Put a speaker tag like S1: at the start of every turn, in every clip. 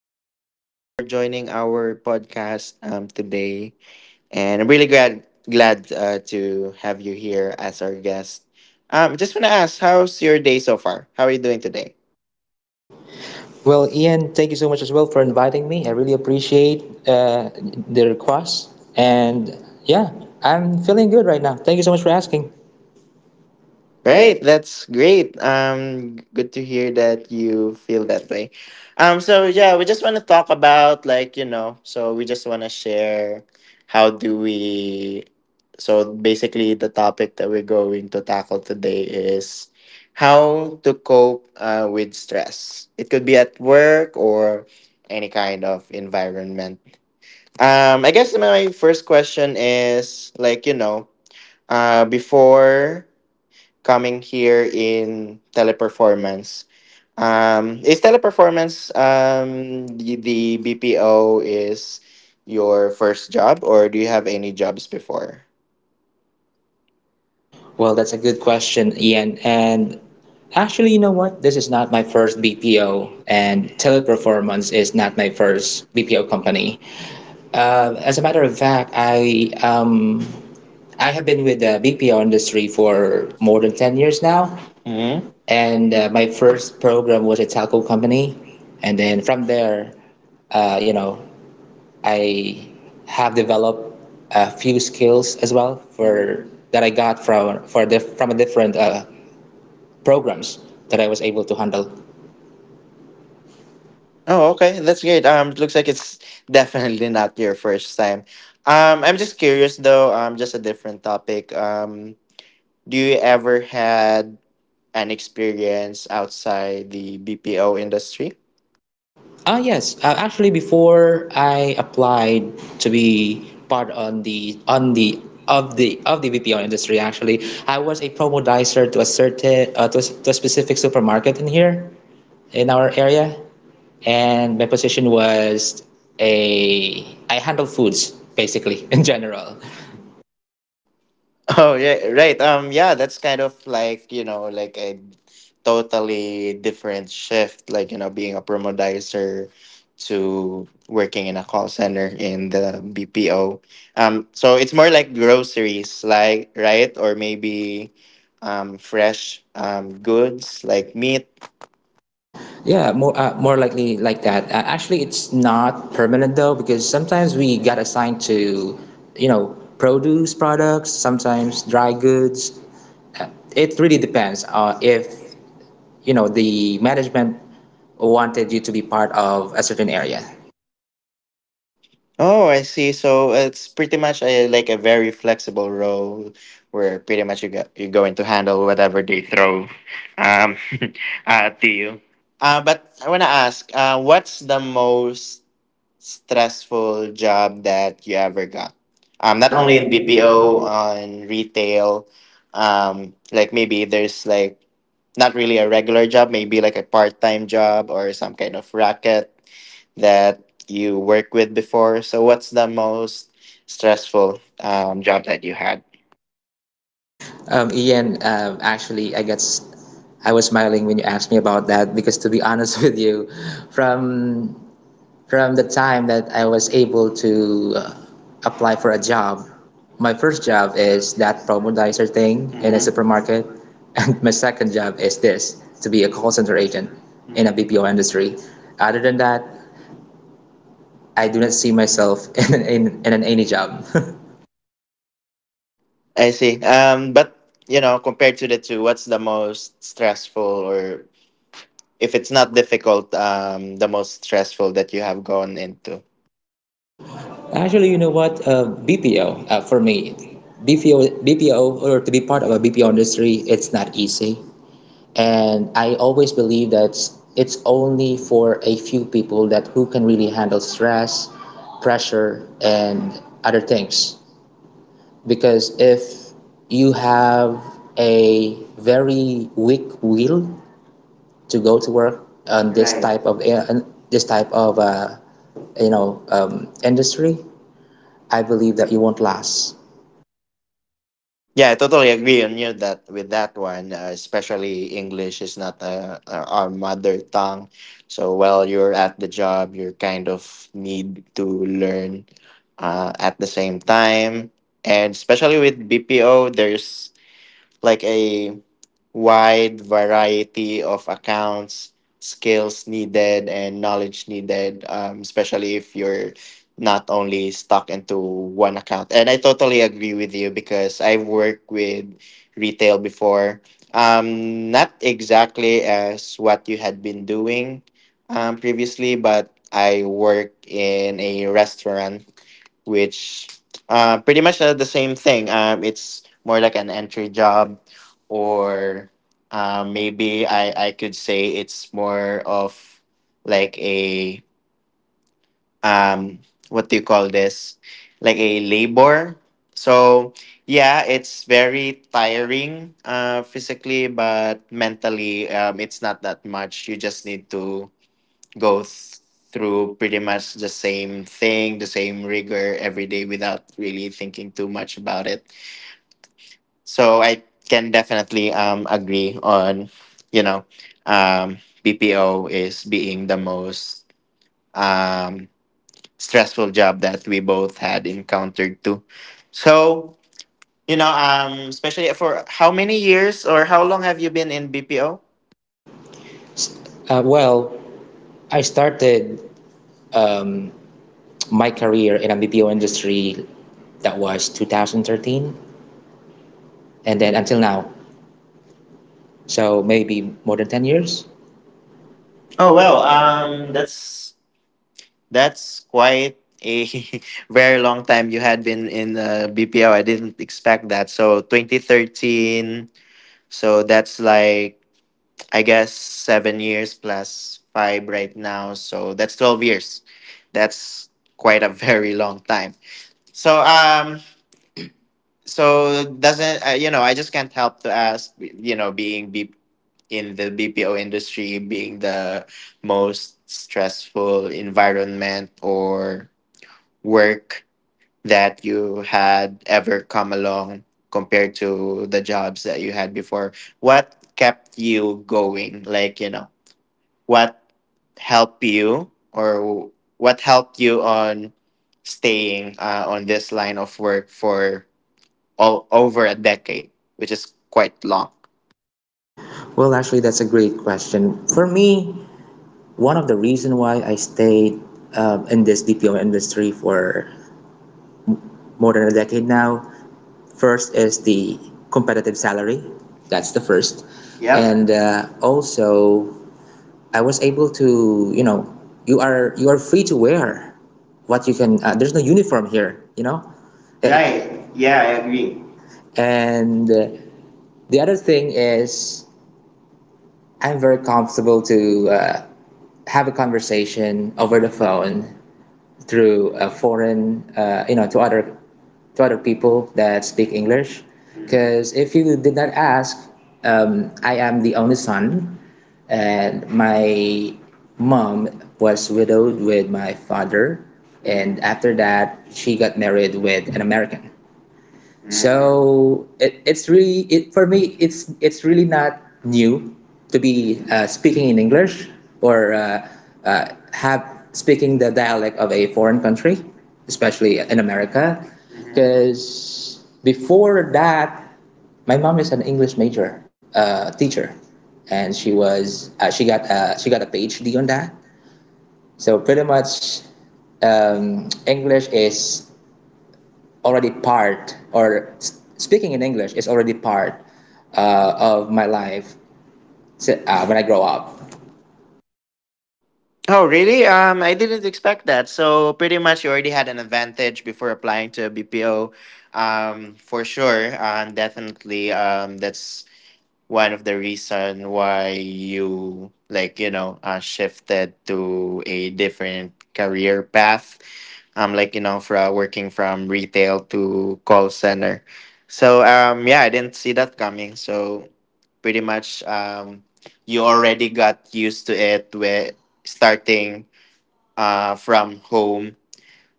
S1: Thank you very much for joining our podcast today. And I'm really glad to have you here as our guest. Just want to ask, how's your day so far? How are you doing today?
S2: Well, Ian, thank you so much as well for inviting me. I really appreciate uh, the request. And yeah, I'm feeling good right now. Thank you so much for asking. Great.
S1: Right, that's great. Good to hear that you feel that way. So yeah, we just want to talk about like so we just want to share how do we. So basically, the topic that we're going to tackle today is how to cope with stress. It could be at work or any kind of environment. I guess my first question is like before coming here in Teleperformance. Is Teleperformance the BPO is your first job, or do you have any jobs before?
S2: Well,
S1: Well,
S2: that's
S1: that's a
S2: a
S1: good
S2: good question,
S1: question, Ian.
S2: Ian.
S1: And
S2: And actually,
S1: actually,
S2: you
S1: you
S2: know
S1: know
S2: what?
S1: what?
S2: This
S1: This
S2: is
S1: is
S2: not
S1: not
S2: my
S1: my
S2: first
S1: first BPO,
S2: BPO,
S1: and
S2: and Teleperformance
S1: Teleperformance
S2: is
S1: is
S2: not
S1: not
S2: my
S1: my first
S2: first BPO
S1: BPO
S2: company.
S1: company.
S2: As
S1: As a
S2: a matter
S1: matter
S2: of
S1: of
S2: fact,
S1: fact, I
S2: I
S1: I
S2: have
S1: have
S2: been
S1: been
S2: with
S1: with
S2: the
S1: the
S2: BPO
S1: BPO
S2: industry
S1: industry for
S2: for more
S1: more
S2: than
S1: than
S2: ten
S1: 10
S2: years
S1: years now.
S2: now.
S1: Hmm.
S2: And
S1: And
S2: my
S1: my
S2: first
S1: first
S2: program
S1: program
S2: was
S1: was
S2: a
S1: a Apple.
S2: telco company. And then from there, uh, you know, I have developed a few skills as well for that I got from for the from a different programs that I was able to handle.
S1: Oh, okay. That's great. It looks like it's definitely not your first time. I'm just curious though. Just a different topic. Do you ever had an experience outside the BPO industry?
S2: Ah, yes. Actually, before I applied to be part on the of the of the VPO industry, actually, I was a promodicer to a certain to a specific supermarket in here in our area. And my position was a I handle foods basically in general.
S1: Oh yeah, right. Yeah, that's kind of like like a totally different shift. Like being a promodizer to working in a call center in the BPO. So it's more like groceries, like right, or maybe fresh goods like meat.
S2: Yeah, more likely like that. Actually, it's not permanent though because sometimes we get assigned to, you know, produce products, sometimes dry goods. It really depends if you know the management wanted you to be part of a certain area.
S1: Oh, I see. So it's pretty much a, like a very flexible role where pretty much you're going to handle whatever they throw um, at you. But I want to ask, what's the most stressful job that you ever got? Not
S2: Not only
S1: only
S2: in
S1: in BPO,
S2: BPO.
S1: on retail, like maybe there's like not really a regular job, maybe like a part time job or some kind of racket that you work with before. So, what's the most stressful job that you had?
S2: Ian, actually, I guess I was smiling when you asked me about that because, to be honest with you, from from the time that I was able to apply for a job, my first job is that promodizer thing in a, mhm, supermarket, and my second job is this to be a call center agent in a BPO industry. Other than that, I do not see myself in an any job.
S1: I see. But you know, compared to the two, what's the most stressful, or if it's not difficult, the most stressful that you have gone into?
S2: Actually, you know what? BPO, for me, BPO, or to be part of a BPO industry, it's not easy. And I always believe that it's only for a few people that who can really handle stress, pressure, and other things. Because if you have a very weak will to go to work on this, right, type of this type of you know, industry, I believe that you won't last.
S1: Yeah, I totally agree on you that with that one, especially English is not our mother tongue. So while you're at the job, you're kind of need to learn at the same time. And especially with BPO, there's like a wide variety of accounts, skills needed, and knowledge needed, especially if you're not only stuck into one account. And I totally agree with you because I've worked with retail before. Not exactly as what you had been doing previously, but I work in a restaurant which pretty much the same thing. It's more like an entry job, or maybe I could say it's more of like a um, what do you call this? Like a labor. So yeah, it's very tiring physically, but mentally it's not that much. You just need to go th- through pretty much the same thing, the same rigor every day without really thinking too much about it. So I can definitely agree on, you know, um, BPO is being the most um, stressful job that we both had encountered too. So, especially for how many years or how long have you been in BPO?
S2: Well, I started, um, my career in the BPO industry that was 2013 and then until now. So maybe more than 10 years?
S1: Oh,
S2: Oh
S1: well,
S2: well, that.
S1: that's quite a very long time you had been in BPO. I didn't expect that. So 2013. So that's like I guess 7 years plus five right now. So that's 12 years. That's quite a very long time. So so doesn't you know? I just can't help to ask. You know, in the BPO industry, being the most stressful environment or work that you had ever come along compared to the jobs that you had before, what kept you going? Like you know, what helped you, or what helped you on staying on this line of work for all, over a decade, which is quite long.
S2: Well, actually, that's a great question. For me, one of the reason why I stayed in this BPO industry for more than a decade now, first is the competitive salary. That's the first, yep. And also I was able to, you know, you are free to wear what you can. There's no uniform here, you know. Eh, right. Yeah, I agree. And the other thing is, I'm very comfortable to have a conversation over the phone through a foreign, to other people that speak English. Because if you did not ask, I am the only son, and my mom was widowed with my father, and after that she got married with an American. So it's really it for me. It's really not new to be speaking in English or have speaking the dialect of a foreign country, especially in America, because before that, my mom is an English major teacher, and she got a PhD on that. So pretty much, English is already part, or speaking in English is already part of my life when I grow up.
S1: Oh really, um, I didn't expect that. So pretty much you already had an advantage before applying to a BPO, um, for sure, um, definitely, um, that's one of the reason why you, like you know, shifted to a different career path, um, like you know, from working from retail to call center. So um, yeah, I didn't see that coming. So pretty much um, you already got used to it with starting uh, from home.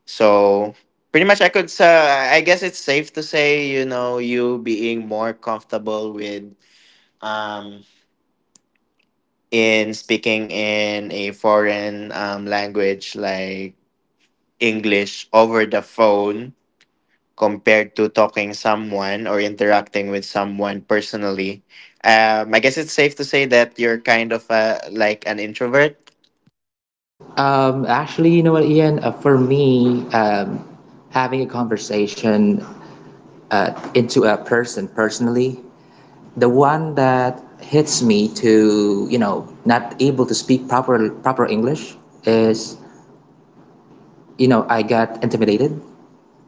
S1: So pretty much I could I guess it's safe to say, you know, you being more comfortable with um, in speaking in a foreign language like English over the phone compared to talking someone or interacting with someone personally. I guess it's safe to say that you're kind of a, like an introvert.
S2: Actually, you know what, Ian? For me, having a conversation into a person personally, the one that hits me to, you know, not able to speak proper English is, you know, I got intimidated,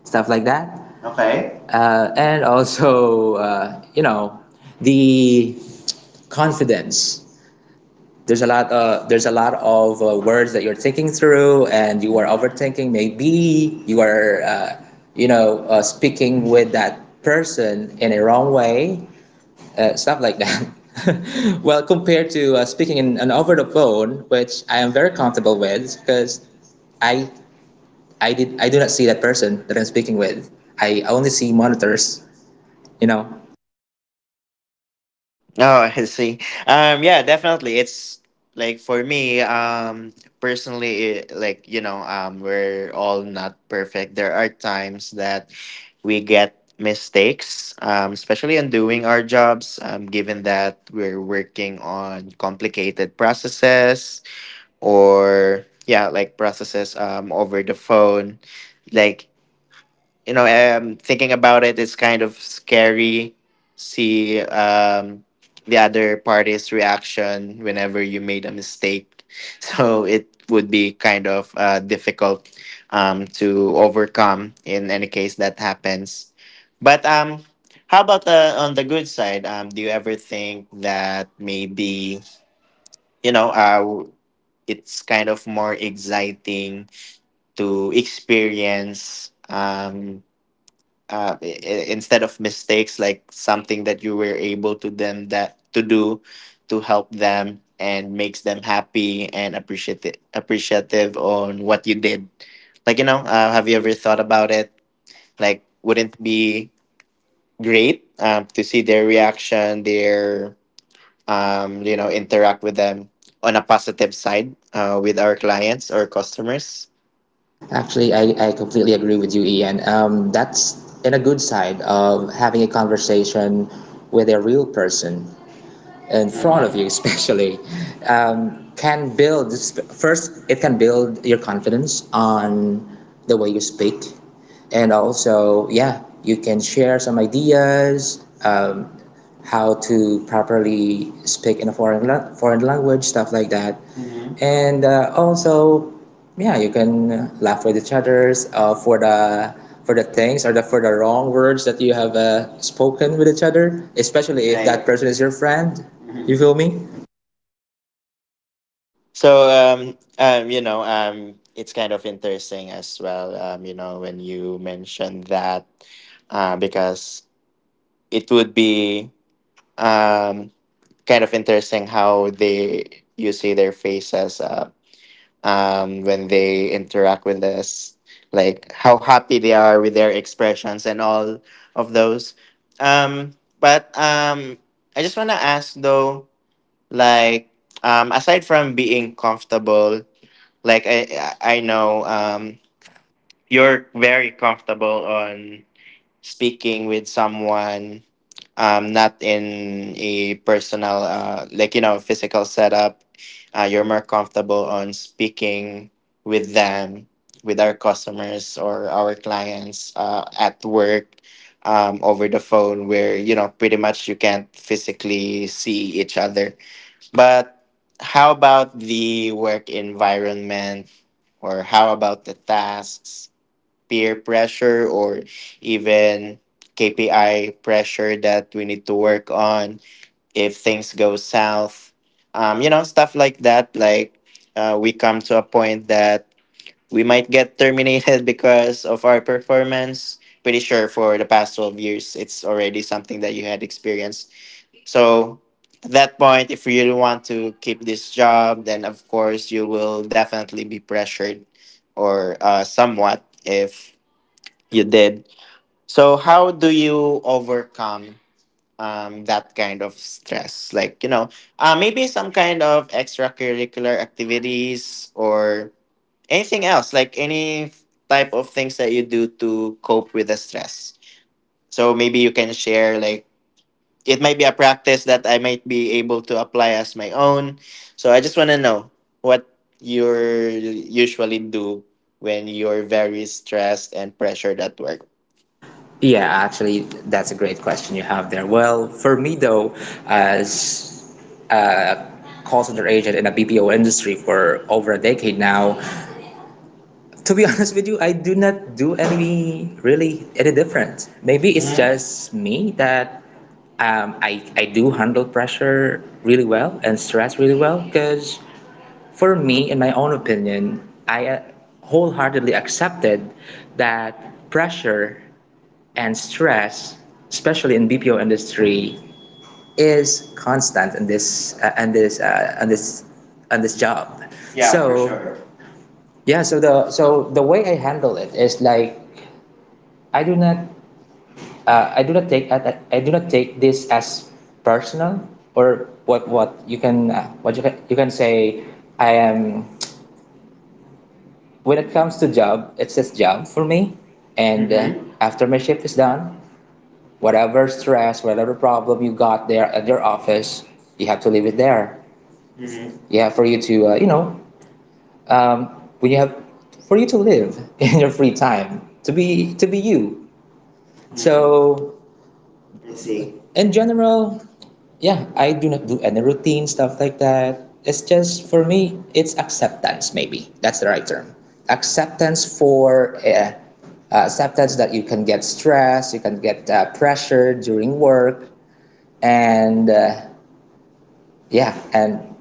S2: stuff like that. Okay. And also, you know, the confidence. There's a lot. There's a lot of words that you're thinking through, and you are overthinking. Maybe you are, speaking with that person in a wrong way, stuff like that. Well, compared to speaking in over the phone, which I am very comfortable with, because I I do not see that person that I'm speaking with. I only see monitors, you know.
S1: Oh, I see. Yeah, definitely. It's like for me, personally, it, like we're all not perfect. There are times that we get mistakes, especially in doing our jobs. Given that we're working on complicated processes, or yeah, like processes over the phone, like thinking about it, it's kind of scary. See the other party's reaction whenever you made a mistake. So it would be kind of difficult to overcome in any case that happens. But how about the, on the good side? Do you ever think that maybe, you know, uh, it's kind of more exciting to experience? Instead of mistakes, like something that you were able to them that to do to help them and makes them happy and appreciative on what you did, like you know, have you ever thought about it, like wouldn't it be great to see their reaction, their you know, interact with them on a positive side with our clients or customers?
S2: Actually, I completely agree with you, Ian. That's in a good side of having a conversation with a real person in front of you, especially, can build, first it can build your confidence on the way you speak, and also yeah, you can share some ideas, how to properly speak in a foreign, foreign language, stuff like that. Mm-hmm. And also yeah, you can laugh with each others for the things or the for the wrong words that you have spoken with each other, especially if that, right, person is your friend, you feel me.
S1: So you know it's kind of interesting as well you know when you mentioned that because it would be um kind of interesting how they you see their faces when they interact with us like how happy they are with their expressions and all of those um. But um, I just want to ask though, like um, aside from being comfortable, like I know um, you're very comfortable on speaking with someone um, not in a personal uh, like you know, physical setup. You're more comfortable on speaking with them with our customers or our clients at work over the phone where you know pretty much you can't physically see each other. But how about the work environment, or how about the tasks, peer pressure, or even KPI pressure that we need to work on if things go south? You know, stuff like that. Like, we come to a point that we might get terminated because of our performance. Pretty sure for the past 12 years, it's already something that you had experienced. So at that point, if you really want to keep this job, then of course you will definitely be pressured or somewhat if you did. So how do you overcome that kind of stress? Like, maybe some kind of extracurricular activities or anything else, like any type of things that you do to cope with the stress. So maybe you can share, like it might be a practice that I might be able to apply as my own. So I just want to know what you usually do when you're very stressed and pressured at work.
S2: Yeah, actually, that's a great question you have there. Well, for me though, as a call center agent in a BPO industry for over a decade now, to be honest with you, I do not do any really any different. Maybe it's just me that, I do handle pressure really well and stress really well because for me, in my own opinion, I, wholeheartedly accepted that pressure and stress, especially in BPO industry, is constant in this on this job. Yeah, for, so, sure. Yeah, so the way I handle it is like I do not I do not take I do not take this as personal or what, what you can say. I am, when it comes to job, it's just job for me. And mhm, after my shift is done, whatever stress, whatever problem you got there at your office, you have to leave it there. Mhm. Yeah, for you to, you know, um, when you have, for you to live in your free time, to be you. So, I see. In general, yeah, I do not do any routine stuff like that. It's just for me, it's acceptance. Maybe that's the right term. Acceptance for, acceptance that you can get stressed, you can get pressure during work, and yeah, and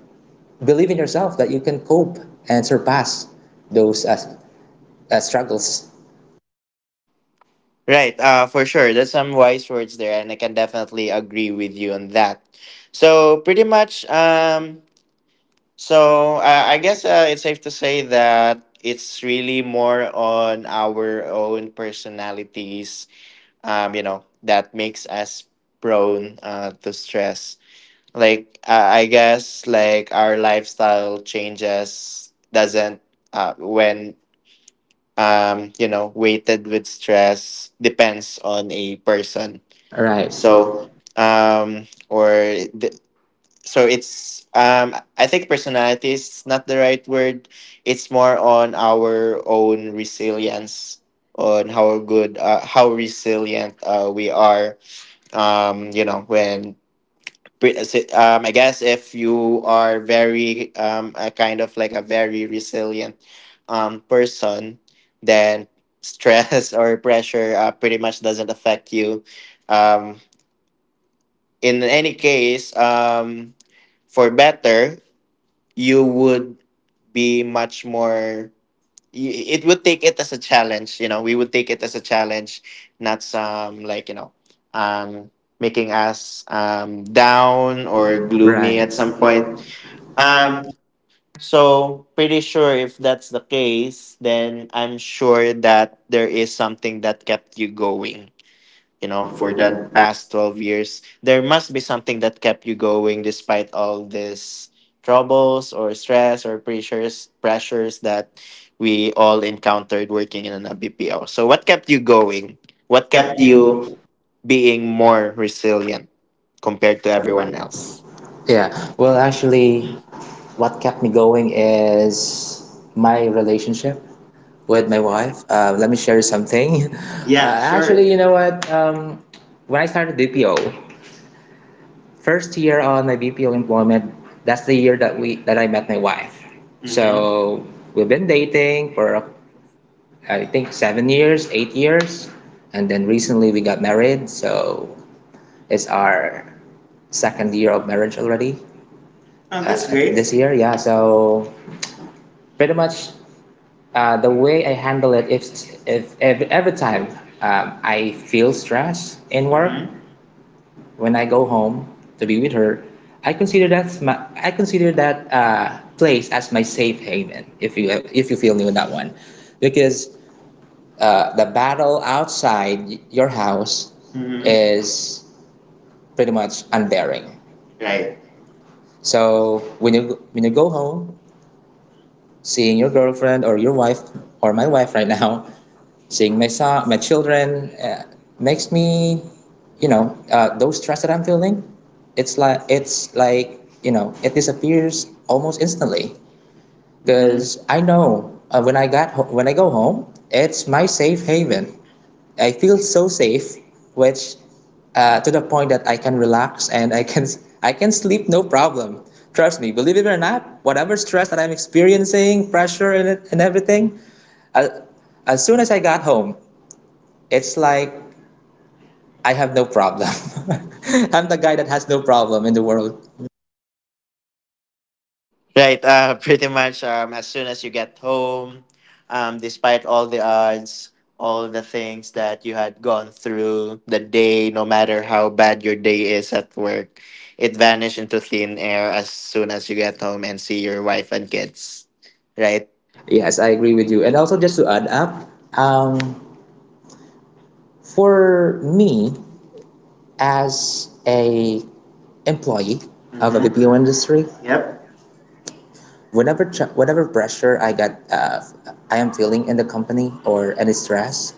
S2: believe in yourself that you can cope and surpass those struggles.
S1: Right, for sure. There's some wise words there, and I can definitely agree with you on that. So, pretty much, so I guess it's safe to say that it's really more on our own personalities you know, that makes us prone to stress. Like I guess like our lifestyle changes doesn't when you know weighted with stress depends on a person. Right.
S2: Right.
S1: So
S2: So,
S1: or the, so it's I think personality is not the right word. It's more on our own resilience on how good how resilient we are um you know when I guess if you are very a kind of like a very resilient person, then stress or pressure pretty much doesn't affect you um in any case. For better, you would be much more it would take it as a challenge. We would take it as a challenge, not some like um making us down or
S2: or gloomy,
S1: gloomy
S2: right,
S1: at
S2: at
S1: some
S2: some
S1: point.
S2: point. Um,
S1: um so, pretty sure if that's the case, then I'm sure that there is something that kept you going
S2: you know,
S1: for
S2: for
S1: the
S2: that.
S1: past 12 years. There must be something that kept you going despite all this troubles or stress or pressures that we all encountered working in an BPO. So what kept you going? What
S2: What
S1: kept
S2: kept
S1: you
S2: you,
S1: being more resilient compared
S2: compared to
S1: to
S2: everyone
S1: everyone
S2: else?
S1: else? Yeah.
S2: Yeah, well,
S1: Well,
S2: actually,
S1: actually,
S2: what
S1: what
S2: kept
S1: kept
S2: me
S1: me
S2: going
S1: going is
S2: is my
S1: my
S2: relationship
S1: relationship
S2: with
S1: with
S2: my
S1: my wife.
S2: wife. Let me share something. Yeah, sure. Actually, you know what? When I started BPO, first year on my BPO employment, that's the year that I met my wife. Mm-hmm. So we've been dating for, I think, 7 years, 8 years, and then recently we got married. So it's our second year of marriage already. Oh, that's great. This year, yeah. So pretty much, the way I handle it, if, every time, I feel stress in work, mm-hmm, when I go home to be with her, I consider that my, I consider that place as my safe haven. If you, if you feel me with that one, because the battle outside your house, mm-hmm, is pretty much unbearing, right. So when you, when you go home, seeing your girlfriend or your wife or my wife right now, seeing my son, my children, makes me, you know, those stress that I'm feeling, it's like, you know, it disappears almost instantly. Because I know, when I go home, it's my safe haven. I feel so safe, which, to the point that I can relax and I can sleep no problem. Trust me, believe it or not, whatever stress that I'm experiencing, pressure, and everything, uh, as soon as I got home, it's like I have no problem. I'm the guy that has no problem in the world.
S1: Right, pretty much as soon as you get home, despite all the odds, all the things that you had gone through the day, no matter how bad your day is at work, it vanished into thin air as soon as you get home and see your wife and kids. Right?
S2: Yes,
S1: Yes,
S2: I
S1: I
S2: agree
S1: agree with
S2: with you.
S1: you.
S2: And
S1: And also
S2: also,
S1: just.
S2: just to add up, um, for me, as a employee, mm-hmm, of a BPO industry, yep, whatever pressure I got, I am feeling in the company or any stress,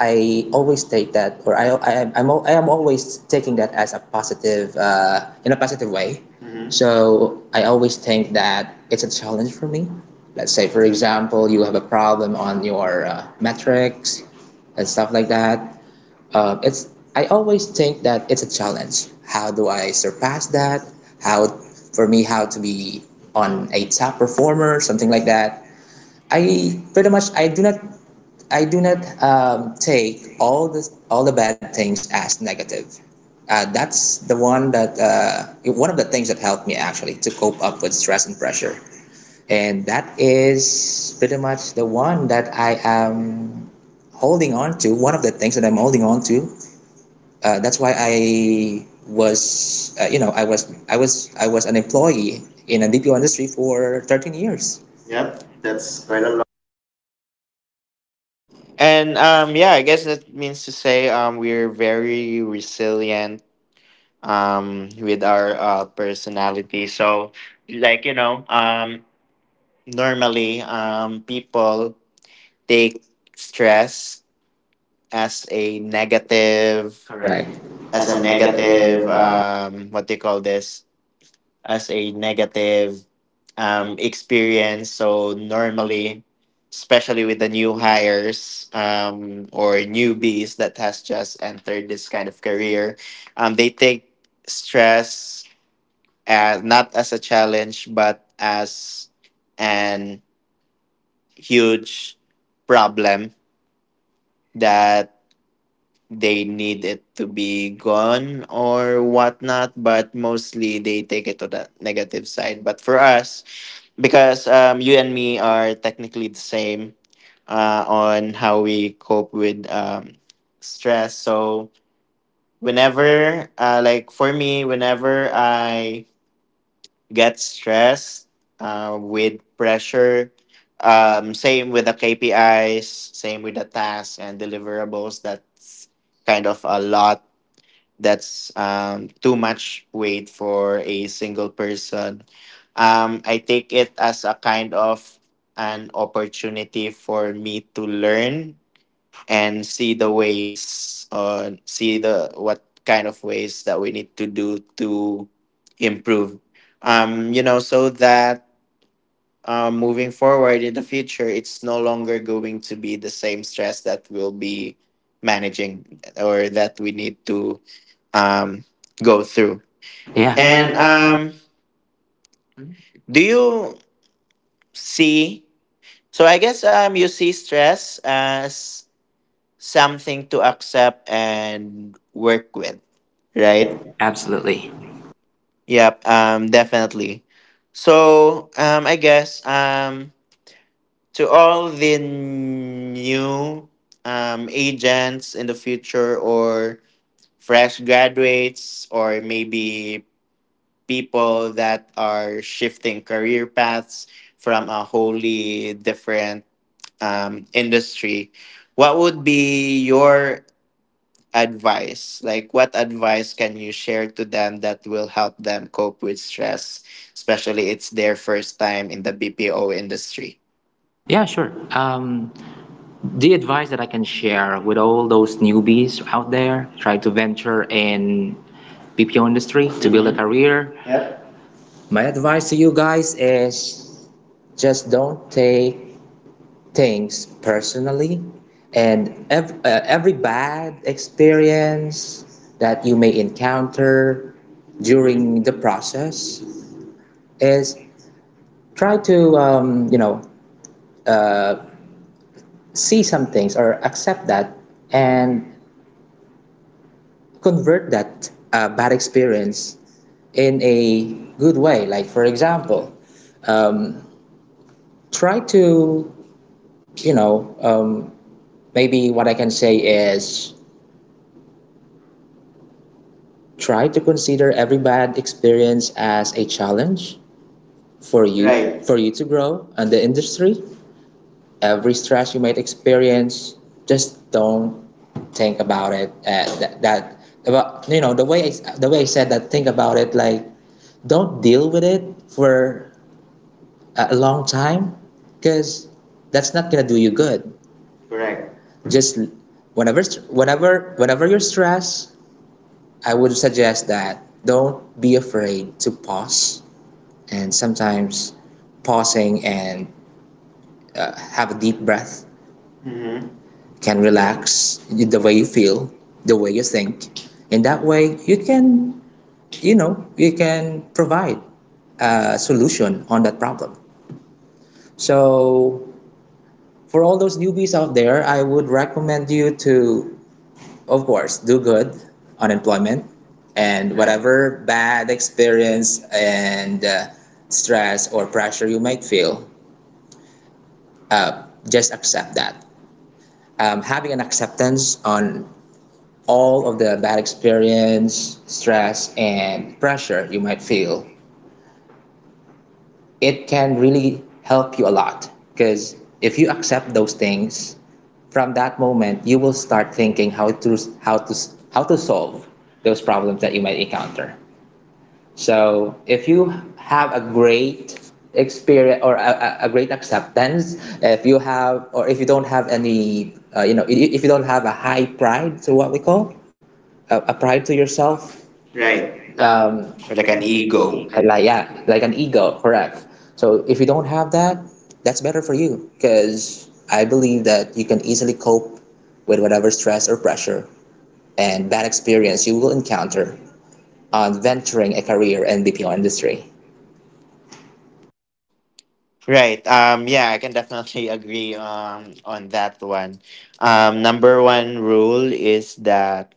S2: I always take that, or I am always taking that as a positive, in a positive way. Mm-hmm. So I always think that it's a challenge for me. Let's say, for example, you have a problem on your metrics and stuff like that. It's I always think that it's a challenge. How do I surpass that? How, for me, how to be on a top performer, something like that. I pretty much I do not, I do not take all the, all the bad things as negative. That's the one that, one of the things that helped me actually to cope up with stress and pressure, and that is pretty much the one that I am holding on to. One of the things that I'm holding on to, that's why I was, I was an employee in a BPO industry for 13 years. Yep, that's quite a lot.
S1: And Yeah, I guess that means to say we're very resilient with our personality. So, like, you know, um, normally people take stress as a negative, correct,
S2: Correct.
S1: as
S2: That's
S1: a
S2: a
S1: negative,
S2: negative.
S1: what do you call this, as a negative, experience. So normally, especially with the new hires or newbies that has just entered this kind of career, they take stress as, not as a challenge, but as an huge problem that they need it to be gone or whatnot. But mostly they take it to the negative side. But for us, because you and me are technically the same on how we cope with stress. So whenever like for me, whenever I get stressed with pressure. Same with the KPIs, same with the tasks and deliverables. That's kind of a lot. That's too much weight for a single person. I take it as a kind of an opportunity for me to learn and see the ways see the what kind of ways that we need to do to improve, so that moving forward in the future, it's no longer going to be the same stress that we'll be managing or that we need to um go through. Yeah.
S2: Yeah.
S1: and
S2: And
S1: Mhm. Do you see, so I guess you see stress as something to accept and work with, right?
S2: right,
S1: Absolutely.
S2: absolutely.
S1: Yep, definitely. So, I guess to all the new agents in the future, or fresh graduates, or maybe people that are shifting career paths from a wholly different industry, what would be your advice? Like, what advice can you share to them that will help them cope with stress, especially it's their first time in the BPO industry?
S2: Yeah, sure. The advice that I can share with all those newbies out there trying to venture in BPO industry to build a career, yep, my advice to you guys is just don't take things personally. And every bad experience that you may encounter during the process is, try to, you know, uh, see some things or accept that, and convert that bad experience in a good way. Like for example, um, try to, you know, maybe what I can say is, try to consider every bad experience as a challenge for you, right, for you to grow in the industry. Every stress you might experience, just don't think about it, that about, you know, the way I said, that think about it, like, don't deal with it for a long time, because that's not gonna do you good. Correct. Just, whenever whenever you're stressed, I would suggest that, don't be afraid to pause. And sometimes pausing and have a deep breath, mm-hmm, can relax the way you feel, the way you think. In that way, you can, you know, you can provide a solution on that problem. So, for all those newbies out there, I would recommend you to, of course, do good on employment. And whatever bad experience and stress or pressure you might feel, just accept that. Having an acceptance on all of the bad experience, stress, and pressure you might feel, it can really help you a lot. Because if you accept those things, from that moment you will start thinking how to, how to solve those problems that you might encounter. So if you have a great experience or a, great acceptance, if you have, or if you don't have any, you know, if you don't have a high pride, so what we call a pride to yourself, right.
S1: Um, or like
S2: Like
S1: an
S2: an
S1: ego.
S2: ego. Like, yeah, like an ego, correct? So if you don't have that, that's better for you, because I believe that you can easily cope with whatever stress or pressure and bad experience you will encounter on venturing a career in the film industry.
S1: Right. Yeah, I can definitely agree on that one. Number one rule is that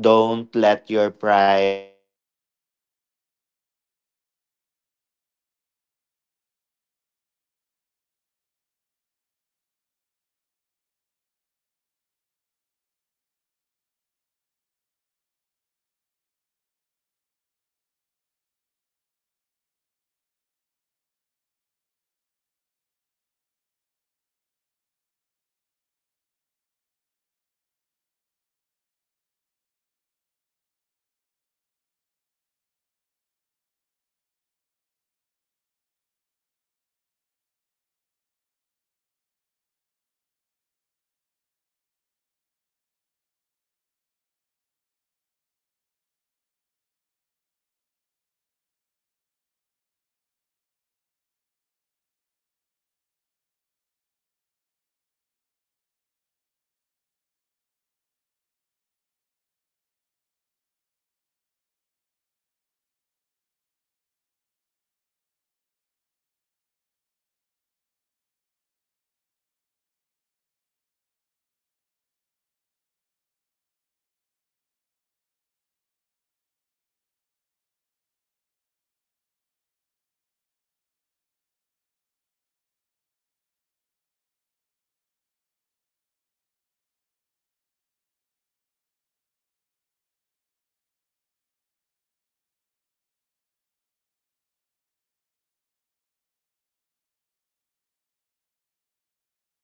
S1: don't let your pride or your ego go above everything else. If it's something that you need to work with, you need to look for the common ground that you stand for, so that you can work together with your supervisors or with your um, managers. And also, I guess um, I guess is that like one thing, one advice that I could share as well, I'm not sure if it's really the right meaning. It's just something that I just recently learned. um it's it's called stoicism. I'm not sure if I pronounced that correctly. It says that you need to, it's more on like working with yourself and working on things that you can control. Like, you know, it doesn't make sense for us to think too much on the problems or on the other things where you have no control. Like, you know, what you need to shift your focus on is on the things that we can control. I agree. Just work what you can work on the things that you can do,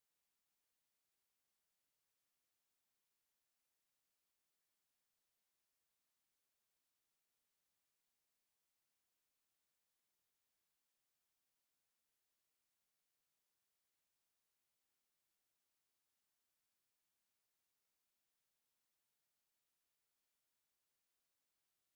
S1: and do not overthink on the things that you cannot do for the meantime. Because that would lead you to more stress, more pressure, and if you feel that way, you cannot think properly for a proper solution. I completely agree the way you have mentioned that and the way you um, talking about